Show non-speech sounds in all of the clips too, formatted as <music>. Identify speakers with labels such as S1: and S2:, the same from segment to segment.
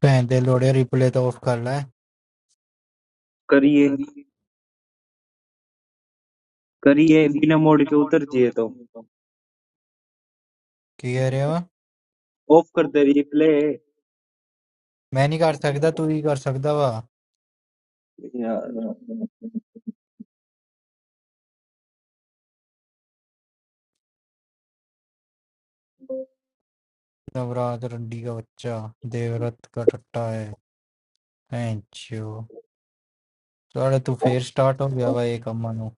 S1: Hey, download replay to off carla.
S2: करिए करिए बिना मोड के उतर जाइए तो
S1: Okay, Ram.
S2: ऑफ कर दे replay
S1: Many carsakda, two carsakda, ba. That's why that one Diga Bajja, Devrat, Karthika. Hey, Choo. So, are you fair start or what? Aekamma no.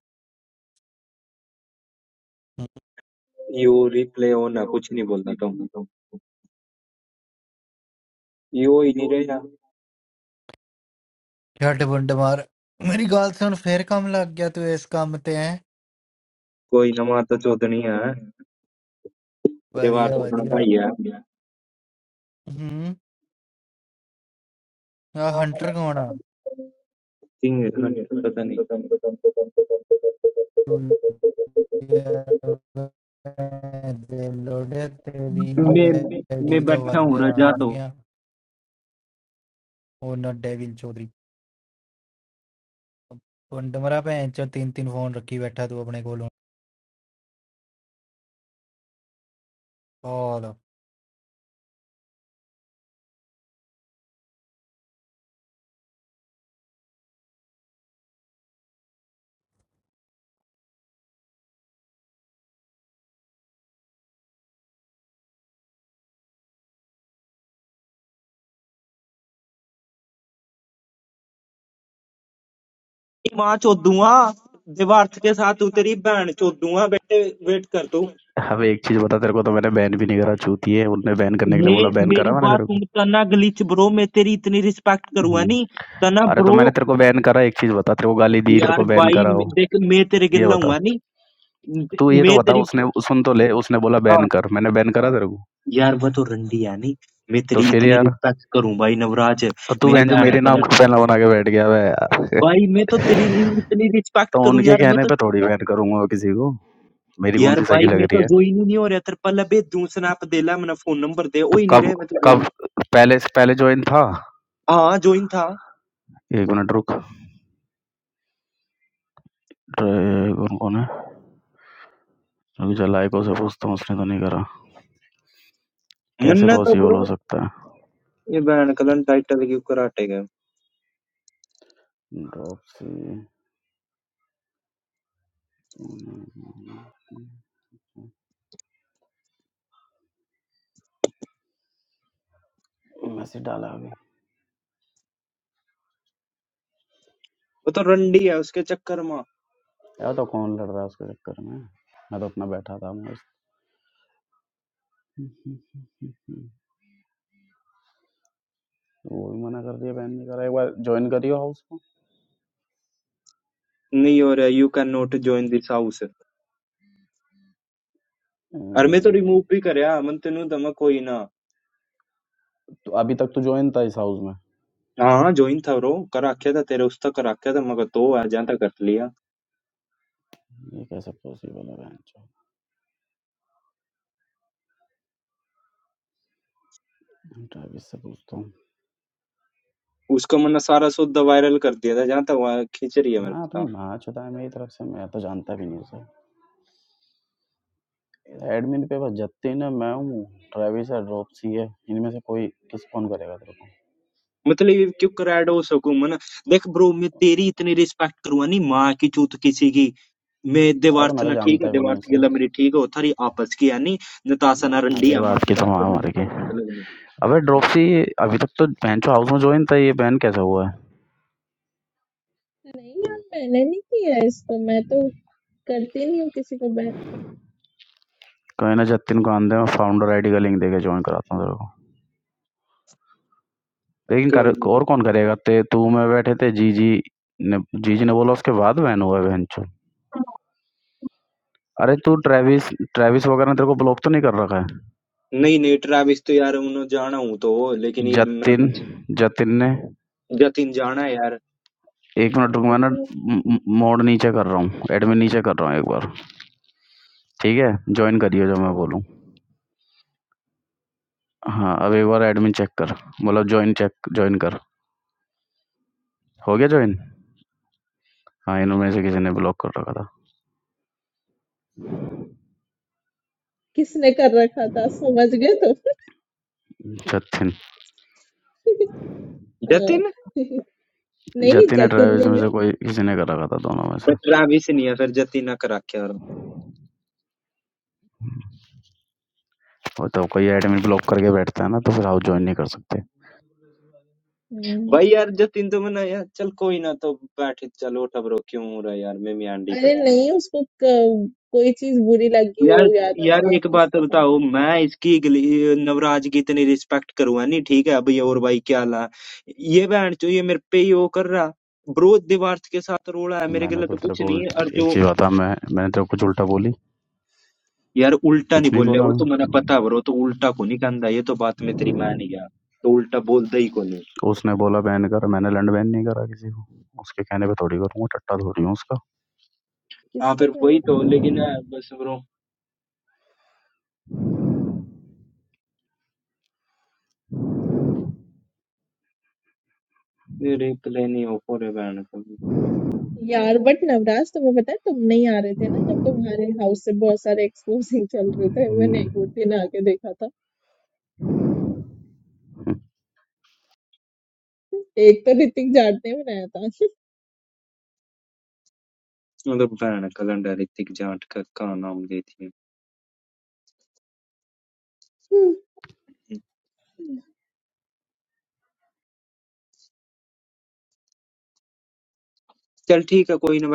S2: You reply होना कुछ नहीं बोलता तुम यू ही नहीं रहना
S1: What to do, Mar? My galson fair kam lagya. You is kam tein.
S2: कोई नमा तो चौधरी है दीवार
S1: Badia,
S2: तो अपना
S1: badia.
S2: भाई है
S1: Hmm. A hunter kaana.
S2: Singh है, पता नहीं
S1: Download
S2: मैं
S1: replay.
S2: मैं
S1: Dita
S2: बैठा हूँ रजा तो
S1: Bajja, owner Devil Choudhary. ਹੁਣ ਡਮਰਾ पे ਚੋ तीन तीन फोन रखी बैठा तू अपने ਕੋਲ
S2: माँ चौदुआ दीवार के साथ उतरी बहन चौदुआ बेटे वेट कर तू
S3: अब एक चीज बता तेरे को तो मैंने बैन भी नहीं करा चूतिए है उनने बैन करने के लिए
S2: मे,
S3: बोला बैन
S2: मेरी
S3: करा मैंने
S2: बात
S3: तेरे को
S2: सुन तना गलीच ब्रो मैं तेरी इतनी रिस्पेक्ट करूंगा
S3: हम्म।
S2: नहीं तना
S3: अरे तो
S2: ब्रो
S3: मैंने तेरे को बैन करा एक चीज बता तेरे को गाली दी तेरे
S2: यार
S3: को बैन
S2: भाई
S3: करा
S2: मैं-
S3: हो
S2: देख मैं तेरे
S3: ये
S2: गिल्ला
S3: बता
S2: हुआ नहीं
S3: तू ये तो
S2: मैं
S3: बता
S2: तेरी
S3: उसने सुन तो ले उसने बोला
S2: हाँ
S3: बैन कर मैंने बैन करा तेरे को
S2: यार वह तो रंडी है नहीं मैं
S3: तो
S2: तेरी
S3: फिर
S2: इतनी
S3: यार
S2: रिस्पेक्ट करूं भाई नवराज
S3: और तू
S2: मैं
S3: बहन जो
S2: बहन
S3: मेरे नाम
S2: कलर
S3: का पहला बना के बैठ गया है यार <laughs>
S2: भाई मैं तो तेरी रि- इतनी रिस्पेक्ट
S3: तो
S2: करूं
S3: उनके
S2: यार मैं
S3: कहने
S2: तो
S3: पे थोड़ी बैन करूंगा मैं किसी को मेरी कौन
S2: यार
S3: सी सगी
S2: भाई
S3: लग
S2: मैं
S3: रही
S2: तो
S3: है
S2: ज्वाइन ही नहीं हो रहा तेरे पहले बे दू स्नैप दे ला मेरा फोन नंबर दे ओ
S3: तो
S2: ही नहीं
S3: कब
S2: रहे मैं तो
S3: कब
S2: ज्वाइन
S3: पहले से पहले ज्वाइन था
S2: हाँ ज्वाइन था
S3: एक मिनट रुक अरे, कौन कौन है अभी चल आइको से पूछता हूँ उसने तो नहीं करा कैसे
S2: मन्ना तो
S3: पॉसिबल
S2: ब्रो
S3: हो सकता
S2: ये बहन कलर टाइटल क्यों कराटे गए
S3: है ड्रॉप से तूने मैसेज डाला अभी
S2: वो तो रंडी है उसके चक्कर में
S3: यार तो कौन लड़ रहा है उसके चक्कर में मैं तो अपना बैठा था मस्त वो भी मना कर दिया बैन नहीं करा एक बार ज्वाइन करियो हाउस को
S2: नहीं हो रहा you can not join this house अरे मैं तो
S3: अम्म,
S2: रिमूव भी करया मन तेनु दमा कोई ना
S3: तो अभी तक तो ज्वाइन था इस हाउस में
S2: हाँ ज्वाइन था रो कर रखा था तेरे उसका कर रखा था मगर तो आ जाता कर लिया
S3: ये कैसे पॉसिबल है बहन चो ट्रेविस से पूछता हूँ
S2: उसको मैंने सारा सुद्धा वायरल कर दिया था जहाँ तक वहाँ खींच रही है मेरे
S3: हाँ अपनी
S2: साथ
S3: माँ चुता है मेरी तरफ से मैं तो जानता भी नहीं उसे एडमिन पे बस जतिन है मैं हूँ ट्रेविस है ड्रॉपसी है इनमें से कोई किस फोन करेगा तेरे को
S2: मतलब ये क्यों क्रैड हो सकूं मन देख ब्रो मैं तेरी इतनी रिस्पेक्ट करूंगा नहीं माँ की चूत किसी की मैं
S3: अरे तो
S2: देवार्थ
S3: मैं तो
S2: ना ठीक है
S3: जानता भी नहीं
S2: देवार्थ की
S3: उसे
S2: गला मेरी ठीक है थारी आपस की यानी नताशा
S3: ना
S2: ना
S3: ना
S2: रंडी है माँ
S3: देवास की
S2: जता
S3: तो
S2: के,
S3: वहाँ
S2: मैंने
S3: हमारे की
S2: कोई पता लग
S3: अबे ड्रॉपसी अभी तक तो बेंचो हाउस में ज्वाइन था ये बैन कैसे हुआ है
S4: नहीं यार मैंने नहीं किया इसको मैं तो करती नहीं हूँ किसी को मैं
S3: कोई ना जतिन को आंदे मैं फाउंडर आईडी का लिंक देके ज्वाइन कराता हूँ तेरे को लेकिन कर
S2: नहीं
S3: और कौन करेगा ते तू मैं बैठे थे जी जी ने जी जी ने बोला उसके बाद बैन हुआ है बेंचो अरे तू ट्रेविस ट्रेविस वगैरह ने तेरे को ब्लॉक तो नहीं कर रखा है
S2: नहीं नहीं ट्रैविस तो यार उन्होंने जाना हूं तो लेकिन ये मैंने
S3: जतिन
S2: पूछा
S3: जतिन ने
S2: जतिन जाना है यार
S3: एक मिनट रुक
S4: मैंने
S3: मैं ना
S4: तो
S3: मोड नीचे कर रहा हूँ एडमिन नीचे कर रहा हूँ एक बार ठीक है ज्वाइन करियो जो मैं बोलूँ हाँ अब एक बार एडमिन चेक कर मतलब जॉइन चेक जॉइन कर हो गया जॉइन हाँ इनमें से किसी ने ब्लॉक कर रखा था
S4: किसने कर रखा था समझ गए तो
S3: जतिन
S4: हाँ।
S2: जतिन
S4: <laughs> नहीं नहीं
S3: जतिन या
S4: जतिन
S3: ट्रेविस
S4: ने
S3: में से
S4: नहीं
S3: कोई किसी ने कर रखा था दोनों में
S2: पर
S3: से
S2: ट्रैविस नहीं है फिर जतिन ना करा के यार
S3: वो तो कोई एडमिन ब्लॉक करके बैठता है ना तो फिर आप ज्वाइन नहीं कर सकते
S4: हम्म,
S2: भाई यार जतिन तो मैंने यार चल कोई ना तो बैठ चलो टबरो क्यों हो रहा है यार मैं मियांडी
S4: अरे
S2: करूँ
S4: नहीं उसको क- कोई चीज बुरी लगी हो
S2: यार
S4: या तो
S2: यार
S4: आप
S2: एक बात
S4: किसके साथ
S2: बताओ
S4: बैठ
S2: मैं इसकी गली- नवराज की इतनी रिस्पेक्ट करूंगा नहीं ठीक है अभी और भाई क्या ला ये बहन जो ये मेरे पे ही वो कर रहा ब्रो दीवार के साथ रोड़ा है मेरे
S3: मैंने
S2: गले
S3: तो
S2: तो
S3: तेरे
S2: कुछ
S3: को
S2: नहीं है और
S3: उल्ट- एक
S2: जो
S3: चीज बता मैं मैंने तेरे को कुछ उल्टा बोली
S2: यार उल्टा नहीं
S3: कुछ नहीं
S2: बोल रहा
S3: बोला
S2: वो
S3: मैं
S2: तो मैंने पता है ब्रो तो उल्टा को नहीं कहना ये तो बात में तेरी मान गया तो उल्टा बोलता ही को नहीं
S3: उसने बोला बैन कर मैंने लैंड बैन नहीं करा किसी को उसके कहने पे थोड़ी करूंगा टट्टा थोड़ी हूँ उसका
S2: हाँ
S4: किसके
S2: फिर वही
S4: कहने पे
S2: तो लेकिन अ, बस ब्रो मेरे प्ले नहीं हो पूरे बहन का
S4: यार बट नवराज तुम्हें पता है तुम नहीं आ रहे थे ना जब तुम्हारे हाउस से बहुत सारे एक्सपोजिंग चल रहे थे मैंने एक वो
S3: हम्म
S4: दिन आके देखा था एक तो ऋतिक जाट ने बनाया
S2: मतलब बहन का गंडा ऋतिक जाट का, का नाम देती है
S4: था
S2: चल ठीक है कोई ना